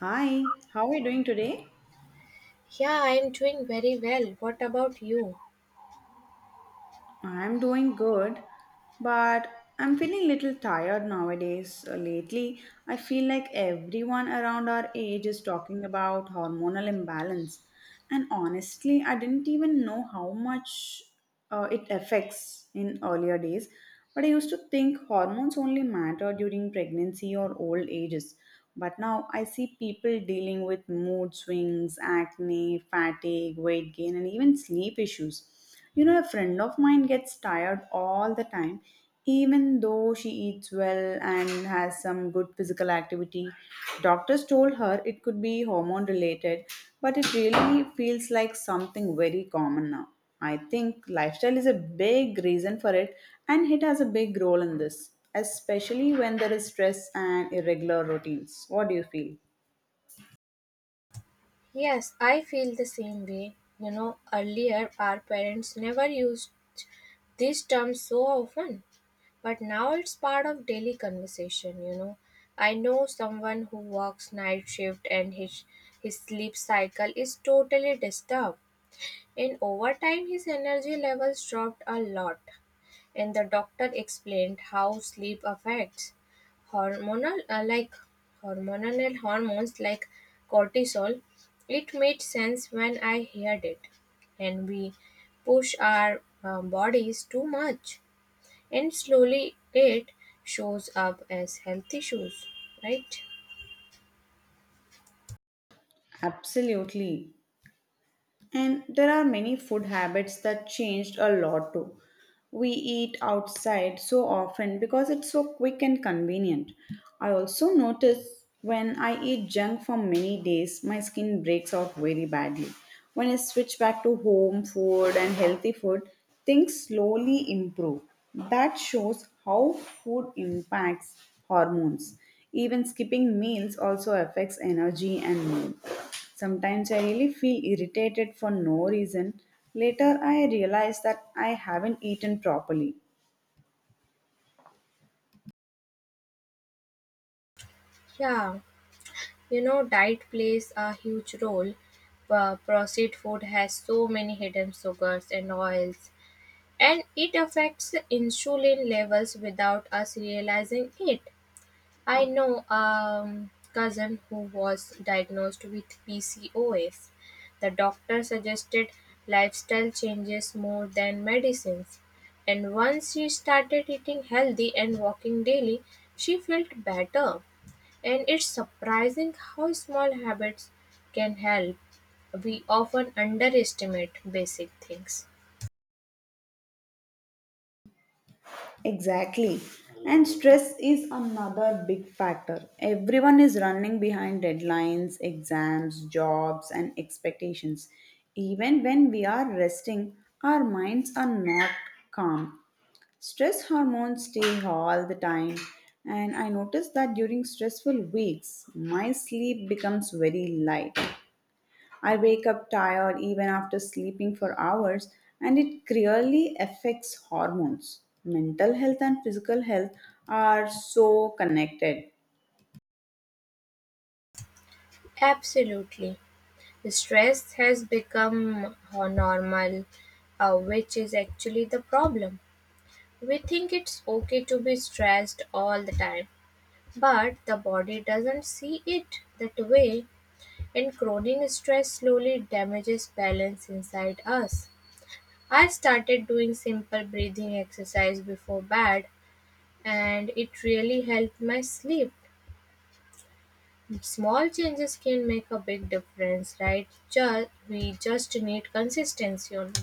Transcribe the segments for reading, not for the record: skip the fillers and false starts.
Hi, how are you doing today? Yeah, I'm doing very well. What about you? I'm doing good, but I'm feeling a little tired nowadays. Lately, I feel like everyone around our age is talking about hormonal imbalance, and honestly, I didn't even know how much it affects in earlier days. But I used to think hormones only matter during pregnancy or old ages. But now I see people dealing with mood swings, acne, fatigue, weight gain, and even sleep issues. You know, a friend of mine gets tired all the time, even though she eats well and has some good physical activity. Doctors told her it could be hormone related, but it really feels like something very common now. I think lifestyle is a big reason for it, and it has a big role in this, especially when there is stress and irregular routines. What do you feel? Yes, I feel the same way. You know, earlier our parents never used this term so often, but now it's part of daily conversation, you know. I know someone who works night shift and his sleep cycle is totally disturbed. In time, his energy levels dropped a lot. And the doctor explained how sleep affects hormonal like hormonal hormones like cortisol. It made sense when I heard it. And we push our bodies too much, and slowly it shows up as health issues, right? Absolutely. And there are many food habits that changed a lot too. We eat outside so often because it's so quick and convenient. I also notice when I eat junk for many days, my skin breaks out very badly. When I switch back to home food and healthy food, things slowly improve. That shows how food impacts hormones. Even skipping meals also affects energy and mood. Sometimes I really feel irritated for no reason. Later, I realize that I haven't eaten properly. Yeah, you know, diet plays a huge role. Processed food has so many hidden sugars and oils, and it affects insulin levels without us realizing it. I know a cousin who was diagnosed with PCOS. The doctor suggested lifestyle changes more than medicines. And once she started eating healthy and walking daily, she felt better. And it's surprising how small habits can help. We often underestimate basic things. Exactly. And stress is another big factor. Everyone is running behind deadlines, exams, jobs, and expectations. Even when we are resting, our minds are not calm. Stress hormones stay all the time. And I noticed that during stressful weeks, my sleep becomes very light. I wake up tired even after sleeping for hours, and it clearly affects hormones. Mental health and physical health are so connected. Absolutely. Stress has become normal, which is actually the problem. We think it's okay to be stressed all the time, but the body doesn't see it that way, and chronic stress slowly damages balance inside us. I started doing simple breathing exercise before bed, and it really helped my sleep. Small changes can make a big difference, right? We just need consistency only.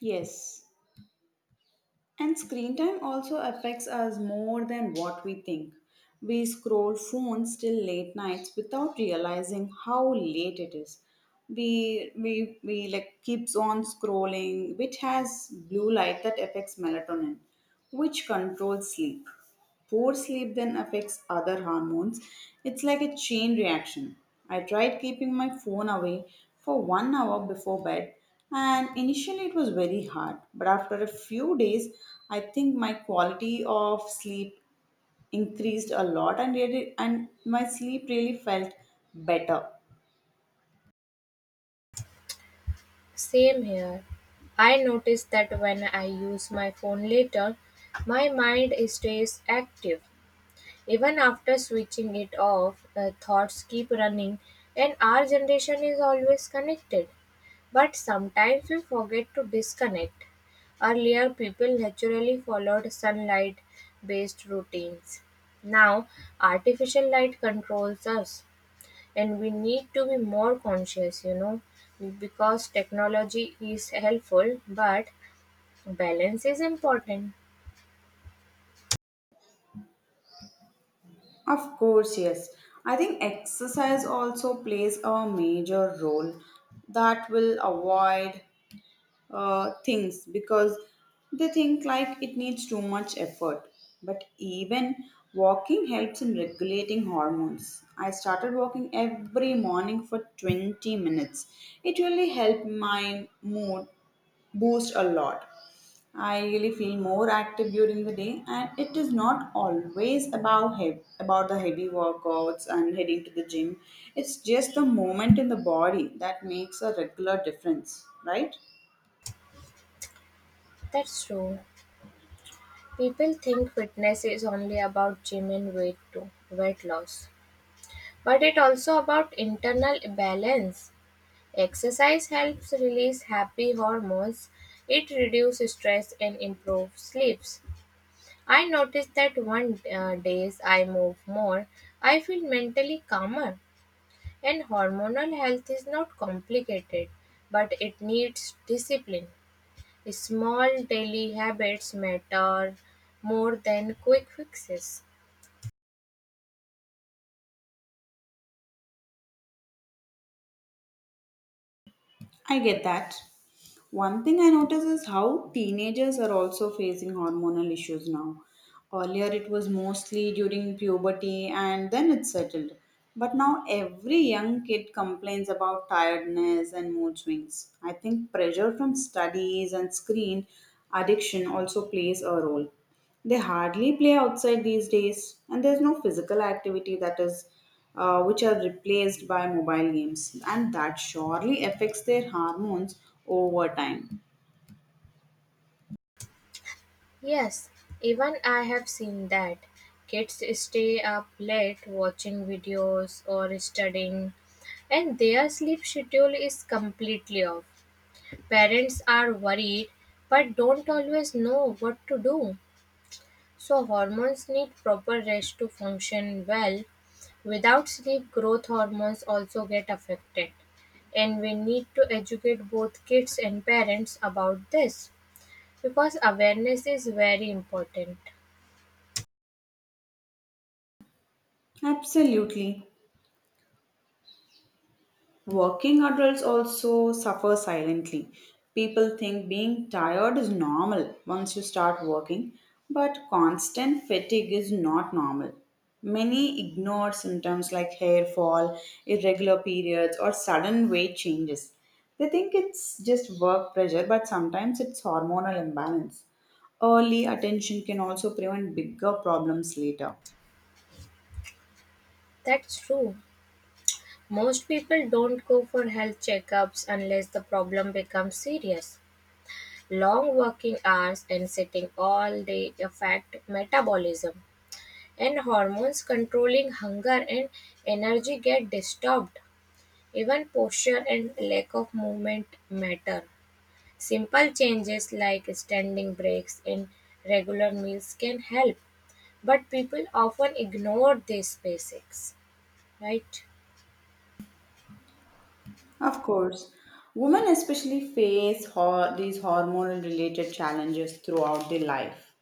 Yes. And screen time also affects us more than what we think. We scroll phones till late nights without realizing how late it is. We like keeps on scrolling, which has blue light that affects melatonin, which controls sleep. Poor sleep then affects other hormones. It's like a chain reaction. I tried keeping my phone away for 1 hour before bed, and initially it was very hard. But after a few days, I think my quality of sleep increased a lot, and really, and my sleep really felt better. Same here. I notice that when I use my phone later, my mind stays active. Even after switching it off, thoughts keep running, and our generation is always connected. But sometimes we forget to disconnect. Earlier, people naturally followed sunlight based routines. Now, artificial light controls us, and we need to be more conscious, you know, because technology is helpful, but balance is important. Of course, yes. I think exercise also plays a major role that will avoid things because they think like it needs too much effort. But even walking helps in regulating hormones. I started walking every morning for 20 minutes. It really helped my mood boost a lot. I really feel more active during the day, and it is not always about about the heavy workouts and heading to the gym. It's just the movement in the body that makes a regular difference, right? That's true. People think fitness is only about gym and weight loss, but it also about internal balance. Exercise helps release happy hormones. It reduces stress and improves sleeps. I noticed that one days I move more, I feel mentally calmer. And hormonal health is not complicated, but it needs discipline. Small daily habits matter more than quick fixes. I get that. One thing I notice is how teenagers are also facing hormonal issues now. Earlier, it was mostly during puberty and then it settled. But now, every young kid complains about tiredness and mood swings. I think pressure from studies and screen addiction also plays a role. They hardly play outside these days, and there's no physical activity which are replaced by mobile games, and that surely affects their hormones over time. Yes, even I have seen that. Kids stay up late watching videos or studying, and their sleep schedule is completely off. Parents are worried but don't always know what to do. So hormones need proper rest to function well. Without sleep, growth hormones also get affected. And we need to educate both kids and parents about this because awareness is very important. Absolutely. Working adults also suffer silently. People think being tired is normal once you start working, but constant fatigue is not normal. Many ignore symptoms like hair fall, irregular periods, or sudden weight changes. They think it's just work pressure, but sometimes it's hormonal imbalance. Early attention can also prevent bigger problems later. That's true. Most people don't go for health checkups unless the problem becomes serious. Long working hours and sitting all day affect metabolism. And hormones controlling hunger and energy get disturbed. Even posture and lack of movement matter. Simple changes like standing breaks and regular meals can help, but people often ignore these basics, right? Of course, women especially face these hormonal related challenges throughout their life.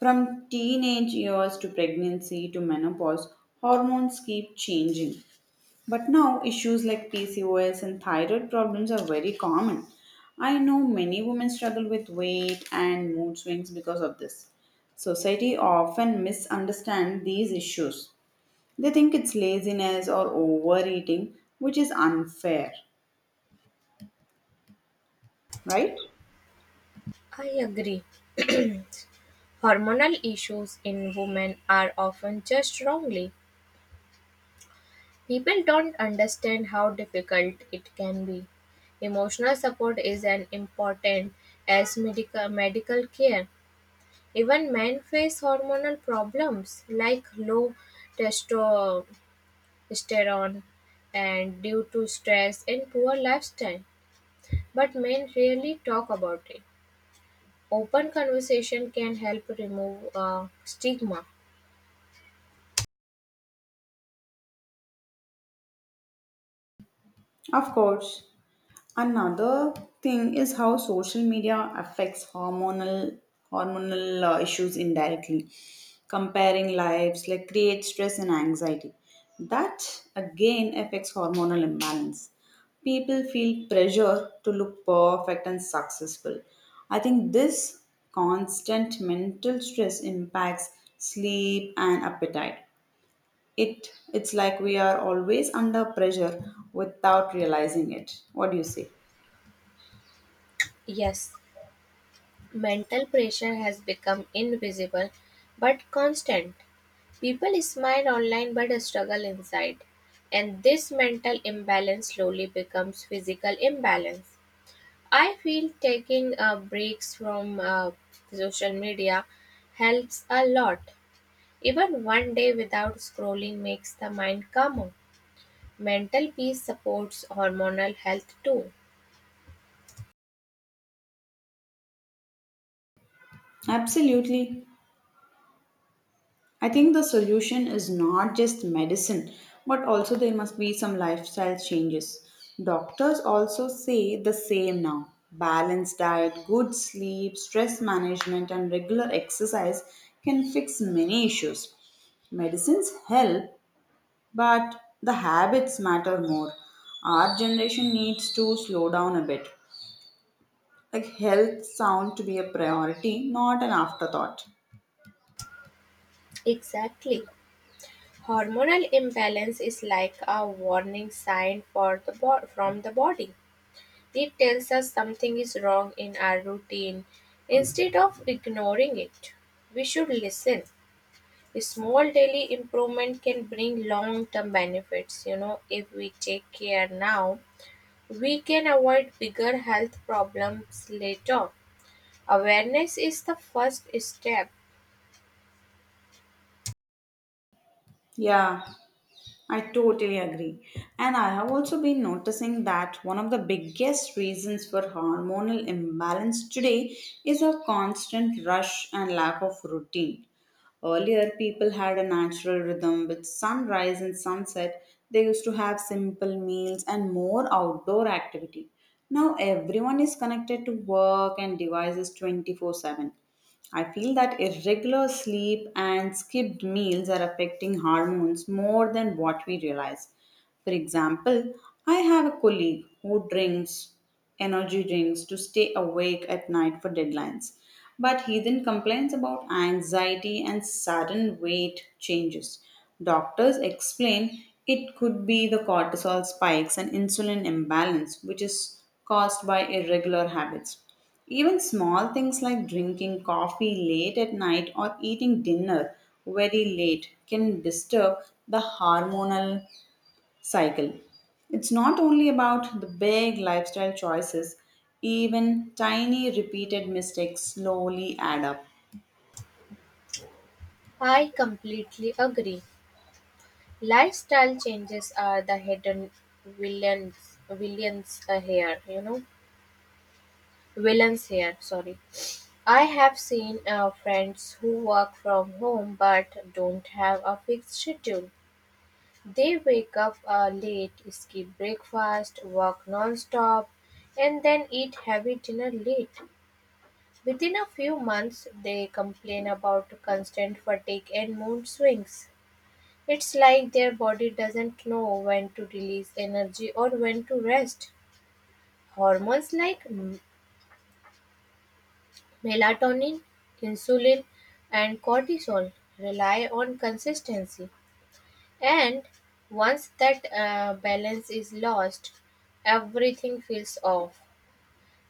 From teenage years to pregnancy to menopause, hormones keep changing. But now, issues like PCOS and thyroid problems are very common. I know many women struggle with weight and mood swings because of this. Society often misunderstands these issues. They think it's laziness or overeating, which is unfair, right? I agree. Hormonal issues in women are often judged wrongly. People don't understand how difficult it can be. Emotional support is as important as medical care. Even men face hormonal problems like low testosterone and due to stress and poor lifestyle. But men rarely talk about it. Open conversation can help remove stigma. Of course, another thing is how social media affects hormonal issues indirectly. Comparing lives like creates stress and anxiety. That again affects hormonal imbalance. People feel pressure to look perfect and successful. I think this constant mental stress impacts sleep and appetite. It's like we are always under pressure without realizing it. What do you say? Yes, mental pressure has become invisible but constant. People smile online but struggle inside, and this mental imbalance slowly becomes physical imbalance. I feel taking breaks from social media helps a lot. Even one day without scrolling makes the mind calmer. Mental peace supports hormonal health too. Absolutely. I think the solution is not just medicine, but also there must be some lifestyle changes. Doctors also say the same now. Balanced diet, good sleep, stress management, and regular exercise can fix many issues. Medicines help, but the habits matter more. Our generation needs to slow down a bit. Like health sound to be a priority, not an afterthought. Exactly. Hormonal imbalance is like a warning sign for the from the body. It tells us something is wrong in our routine. Instead of ignoring it, we should listen. A small daily improvement can bring long term benefits. You know, if we take care now, we can avoid bigger health problems later. Awareness is the first step. Yeah, I totally agree. And I have also been noticing that one of the biggest reasons for hormonal imbalance today is a constant rush and lack of routine. Earlier, people had a natural rhythm with sunrise and sunset. They used to have simple meals and more outdoor activity. Now, everyone is connected to work and devices 24/7. I feel that irregular sleep and skipped meals are affecting hormones more than what we realize. For example, I have a colleague who drinks energy drinks to stay awake at night for deadlines, but he then complains about anxiety and sudden weight changes. Doctors explain it could be the cortisol spikes and insulin imbalance, which is caused by irregular habits. Even small things like drinking coffee late at night or eating dinner very late can disturb the hormonal cycle. It's not only about the big lifestyle choices, even tiny repeated mistakes slowly add up. I completely agree. Lifestyle changes are the hidden villains here, you know. Villains here, sorry. I have seen friends who work from home but don't have a fixed schedule. They wake up late, skip breakfast, work non-stop, and then eat heavy dinner late. Within a few months, they complain about constant fatigue and mood swings. It's like their body doesn't know when to release energy or when to rest. Hormones like Melatonin, insulin, and cortisol rely on consistency, and once that balance is lost, everything feels off.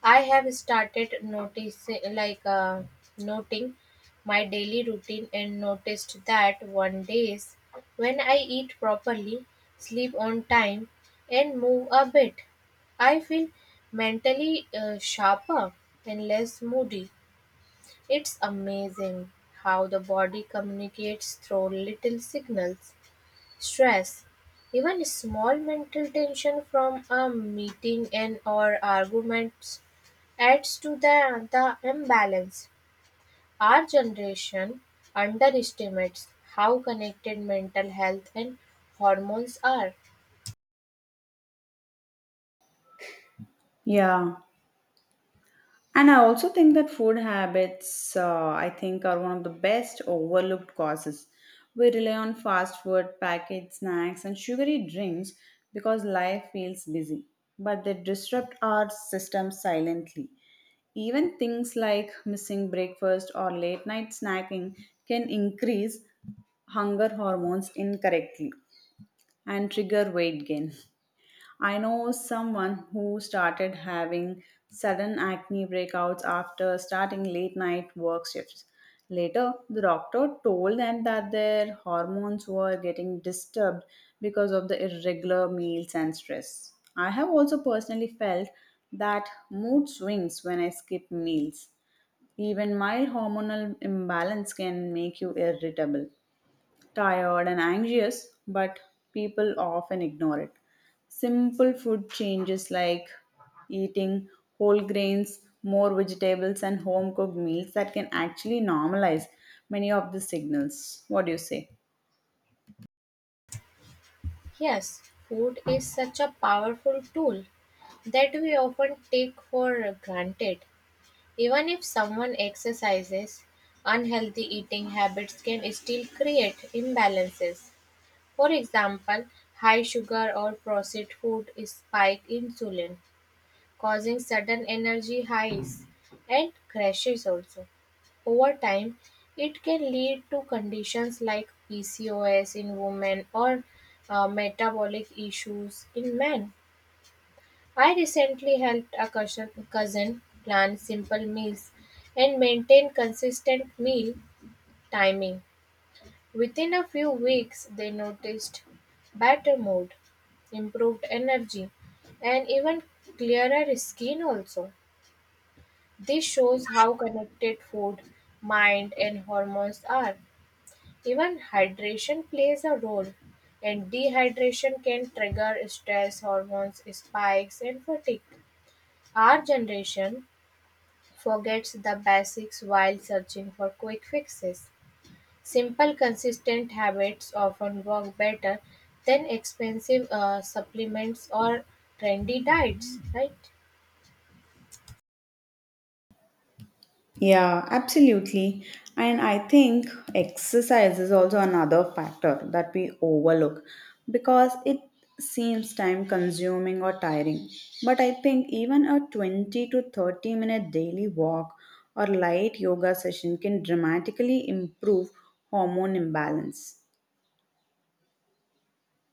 I have started noticing, like noting my daily routine, and noticed that one days when I eat properly, sleep on time, and move a bit, I feel mentally sharper and less moody. It's amazing how the body communicates through little signals. Stress, even small mental tension from a meeting and or arguments adds to the imbalance. Our generation underestimates how connected mental health and hormones are. Yeah, and I also think that food habits, I think, are one of the best overlooked causes. We rely on fast food, packaged snacks, and sugary drinks because life feels busy, but they disrupt our system silently. Even things like missing breakfast or late night snacking can increase hunger hormones incorrectly and trigger weight gain. I know someone who started having sudden acne breakouts after starting late night work shifts. Later, the doctor told them that their hormones were getting disturbed because of the irregular meals and stress. I have also personally felt that mood swings when I skip meals. Even mild hormonal imbalance can make you irritable tired, and anxious, but people often ignore it. Simple food changes like eating whole grains, more vegetables, and home cooked meals that can actually normalize many of the signals. What do you say? Yes, food is such a powerful tool that we often take for granted. Even if someone exercises, unhealthy eating habits can still create imbalances. For example, high sugar or processed food spike insulin, causing sudden energy highs and crashes also. Over time, it can lead to conditions like PCOS in women or metabolic issues in men. I recently helped a cousin plan simple meals and maintain consistent meal timing. Within a few weeks, they noticed better mood, improved energy, and even clearer skin also. This shows how connected food, mind, and hormones are. Even hydration plays a role, and dehydration can trigger stress hormones, spikes, and fatigue. Our generation forgets the basics while searching for quick fixes. Simple, consistent habits often work better than expensive supplements or trendy diets, right? Yeah, absolutely. And I think exercise is also another factor that we overlook because it seems time consuming or tiring. But I think even a 20 to 30 minute daily walk or light yoga session can dramatically improve hormone imbalance.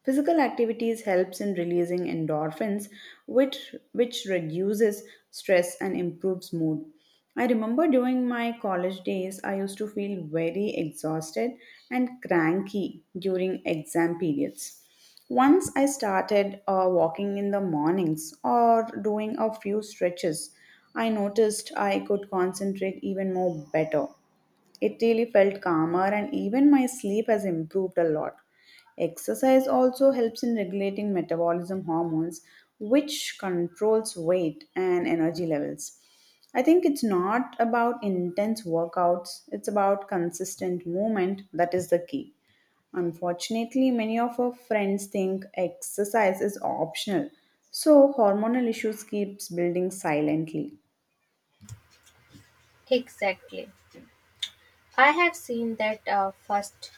Physical activities helps in releasing endorphins, which reduces stress and improves mood. I remember during my college days, I used to feel very exhausted and cranky during exam periods. Once I started walking in the mornings or doing a few stretches, I noticed I could concentrate even more better. It really felt calmer, and even my sleep has improved a lot. Exercise also helps in regulating metabolism hormones, which controls weight and energy levels. I think it's not about intense workouts, it's about consistent movement that is the key. Unfortunately, many of our friends think exercise is optional, so hormonal issues keeps building silently. Exactly. I have seen that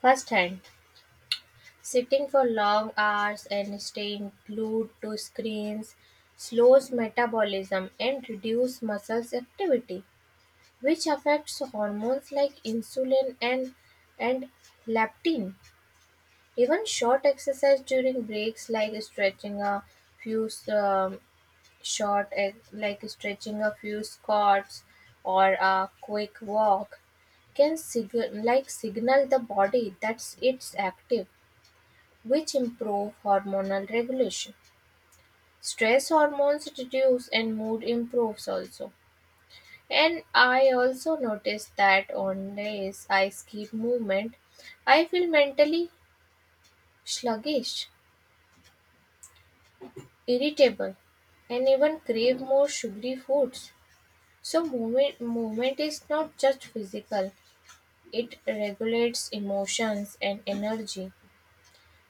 firsthand. Sitting for long hours and staying glued to screens slows metabolism and reduces muscles activity, which affects hormones like insulin and leptin. Even short exercise during breaks, like few um, stretching a few squats or a quick walk, can signal the body that it's active, which improve hormonal regulation. Stress hormones reduce and mood improves also. And I also notice that on days I skip movement, I feel mentally sluggish, irritable, and even crave more sugary foods. So, movement is not just physical, it regulates emotions and energy.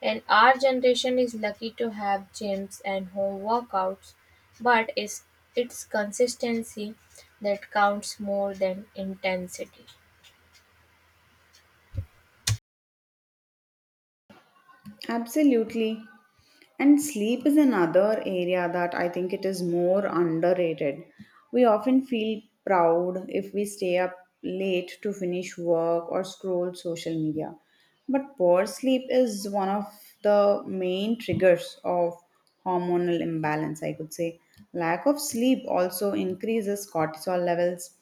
And our generation is lucky to have gyms and home workouts, but it's consistency that counts more than intensity. Absolutely. And sleep is another area that I think it is more underrated. We often feel proud if we stay up late to finish work or scroll social media. But poor sleep is one of the main triggers of hormonal imbalance, I could say. Lack of sleep also increases cortisol levels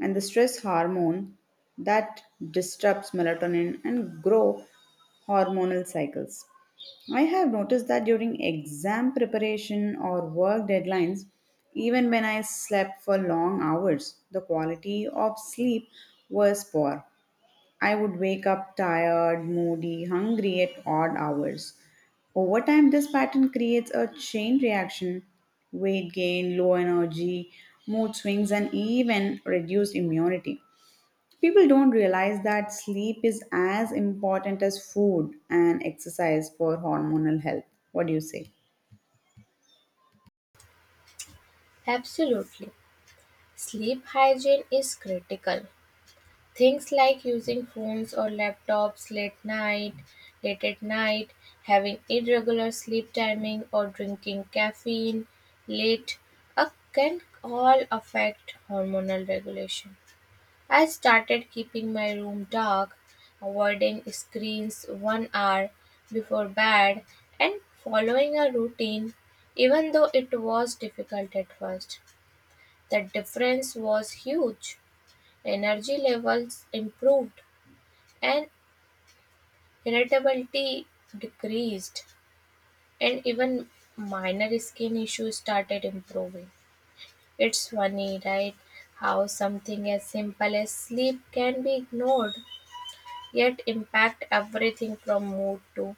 and the stress hormone that disrupts melatonin and grow hormonal cycles. I have noticed that during exam preparation or work deadlines, even when I slept for long hours, the quality of sleep was poor. I would wake up tired, moody, hungry at odd hours. Over time, this pattern creates a chain reaction weight gain, low energy, mood swings, and even reduced immunity. People don't realize that sleep is as important as food and exercise for hormonal health. What do you say? Absolutely. Sleep hygiene is critical. Things like using phones or laptops late at night, having irregular sleep timing or drinking caffeine late can all affect hormonal regulation. I started keeping my room dark, avoiding screens 1 hour before bed and following a routine, even though it was difficult at first. The difference was huge. Energy levels improved and irritability decreased, and even minor skin issues started improving. It's funny, right? How something as simple as sleep can be ignored yet impact everything from mood to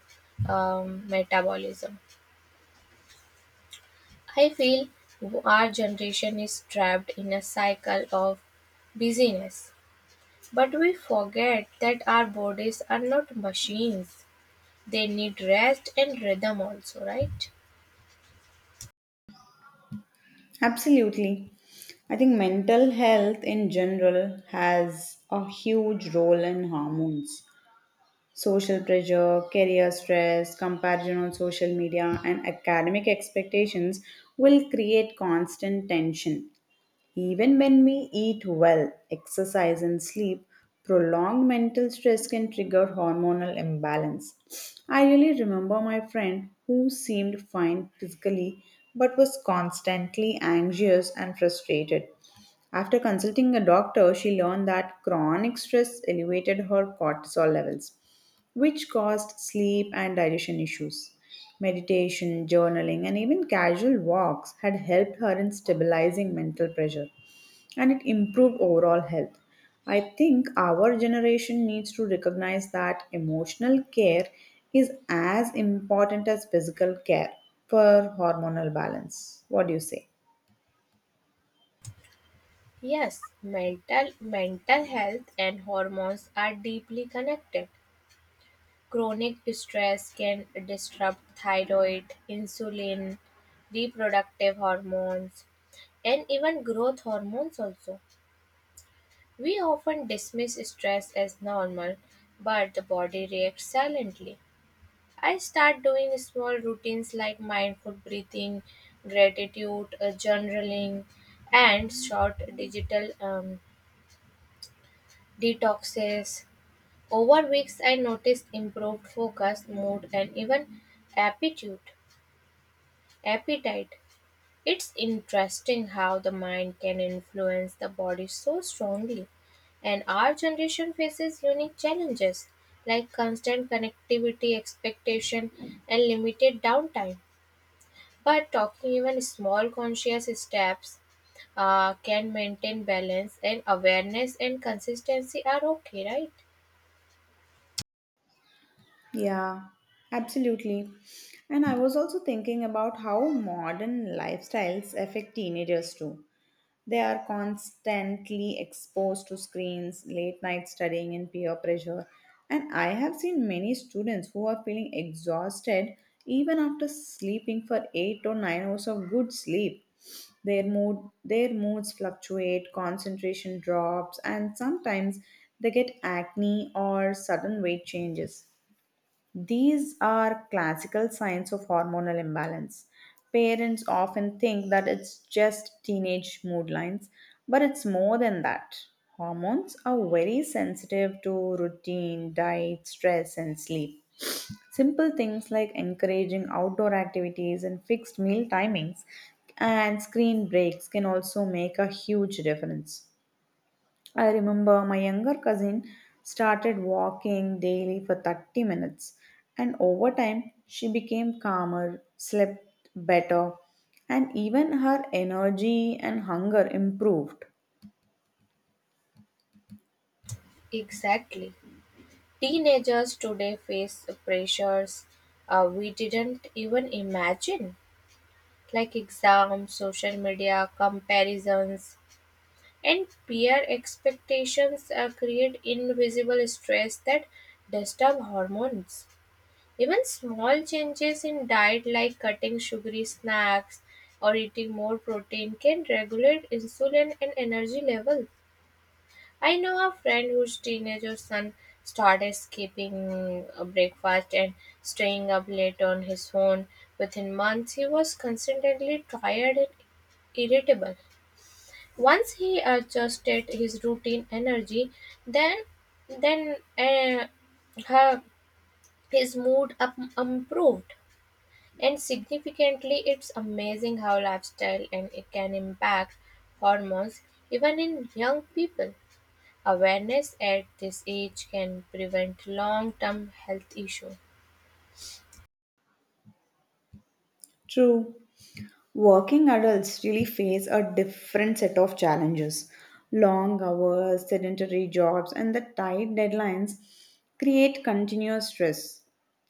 metabolism. I feel our generation is trapped in a cycle of busyness, but we forget that our bodies are not machines. They need rest and rhythm also, right? Absolutely. I think mental health in general has a huge role in hormones. Social pressure, career stress, comparison on social media, and academic expectations will create constant tension. Even when we eat well, exercise, and sleep, prolonged mental stress can trigger hormonal imbalance. I really remember my friend who seemed fine physically but was constantly anxious and frustrated. After consulting a doctor, she learned that chronic stress elevated her cortisol levels which caused sleep and digestion issues. Meditation, journaling, and even casual walks had helped her in stabilizing mental pressure and it improved overall health. I think our generation needs to recognize that emotional care is as important as physical care for hormonal balance. What do you say? Yes, mental health and hormones are deeply connected. Chronic stress can disrupt thyroid, insulin, reproductive hormones, and even growth hormones also. We often dismiss stress as normal, but the body reacts silently. I start doing small routines like mindful breathing, gratitude journaling, and short digital detoxes. Over weeks, I noticed improved focus, mood, and even aptitude, appetite. It's interesting how the mind can influence the body so strongly. And our generation faces unique challenges like constant connectivity, expectation, and limited downtime. But talking even small conscious steps can maintain balance, and awareness and consistency are okay, right? Yeah, absolutely. And I was also thinking about how modern lifestyles affect teenagers too. They are constantly exposed to screens, late night studying, and peer pressure. And I have seen many students who are feeling exhausted even after sleeping for 8 or 9 hours of good sleep. Their mood their moods fluctuate, concentration drops, and sometimes they get acne or sudden weight changes. These are classical signs of hormonal imbalance. Parents often think that it's just teenage mood lines, but it's more than that. Hormones are very sensitive to routine, diet, stress, and sleep. Simple things like encouraging outdoor activities and fixed meal timings and screen breaks can also make a huge difference. I remember my younger cousin started walking daily for 30 minutes, and over time, she became calmer, slept better, and even her energy and hunger improved. Exactly. Teenagers today face pressures we didn't even imagine, like exams, social media, comparisons, and peer expectations create invisible stress that disturb hormones. Even small changes in diet, like cutting sugary snacks or eating more protein, can regulate insulin and energy level. I know a friend whose teenager son started skipping breakfast and staying up late on his phone. Within months, he was constantly tired and irritable. Once he adjusted his routine energy, then then uh, her, his mood improved. And significantly, it's amazing how lifestyle and it can impact hormones even in young people. Awareness at this age can prevent long-term health issues. True. Working adults really face a different set of challenges. Long hours, sedentary jobs, and the tight deadlines create continuous stress.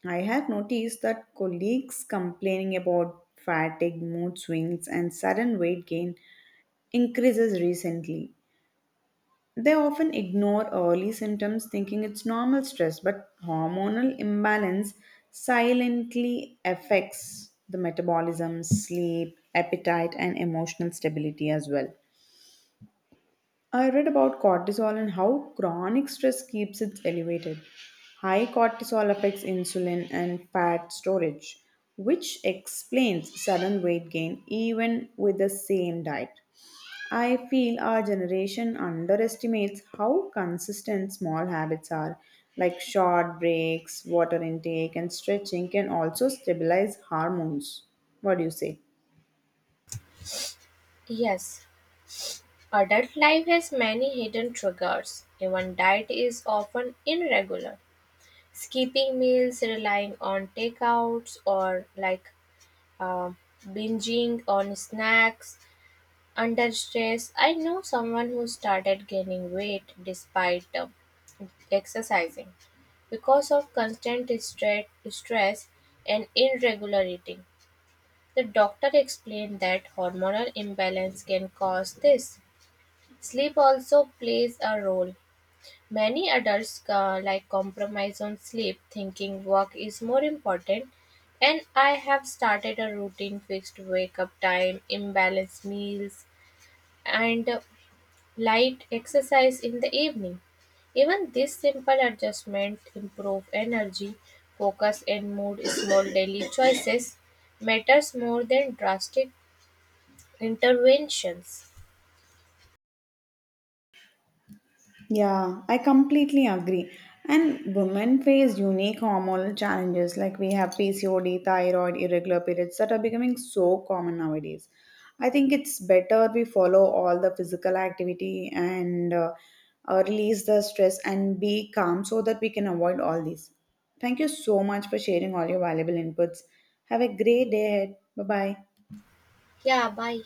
I have noticed that colleagues complaining about fatigue, mood swings, and sudden weight gain increases recently. They often ignore early symptoms thinking it's normal stress, but hormonal imbalance silently affects the metabolism, sleep, appetite, and emotional stability as well. I read about cortisol and how chronic stress keeps it elevated. High cortisol affects insulin and fat storage, which explains sudden weight gain even with the same diet. I feel our generation underestimates how consistent small habits are, like short breaks, water intake, and stretching can also stabilize hormones. What do you say? Yes, adult life has many hidden triggers. Even diet is often irregular. Skipping meals, relying on takeouts, or uh, binging on snacks under stress. I know someone who started gaining weight despite exercising because of constant stress and irregular eating. The doctor explained that hormonal imbalance can cause this. Sleep also plays a role. Many adults compromise on sleep, thinking work is more important. And I have started a routine fixed wake up time, imbalanced meals, and light exercise in the evening. Even this simple adjustment improve energy, focus and mood. Small daily choices matters more than drastic interventions. Yeah, I completely agree. And women face unique hormonal challenges like we have PCOD, thyroid, irregular periods that are becoming so common nowadays. I think it's better we follow all the physical activity and release the stress and be calm so that we can avoid all these. Thank you so much for sharing all your valuable inputs. Have a great day ahead. Bye bye. Yeah, bye.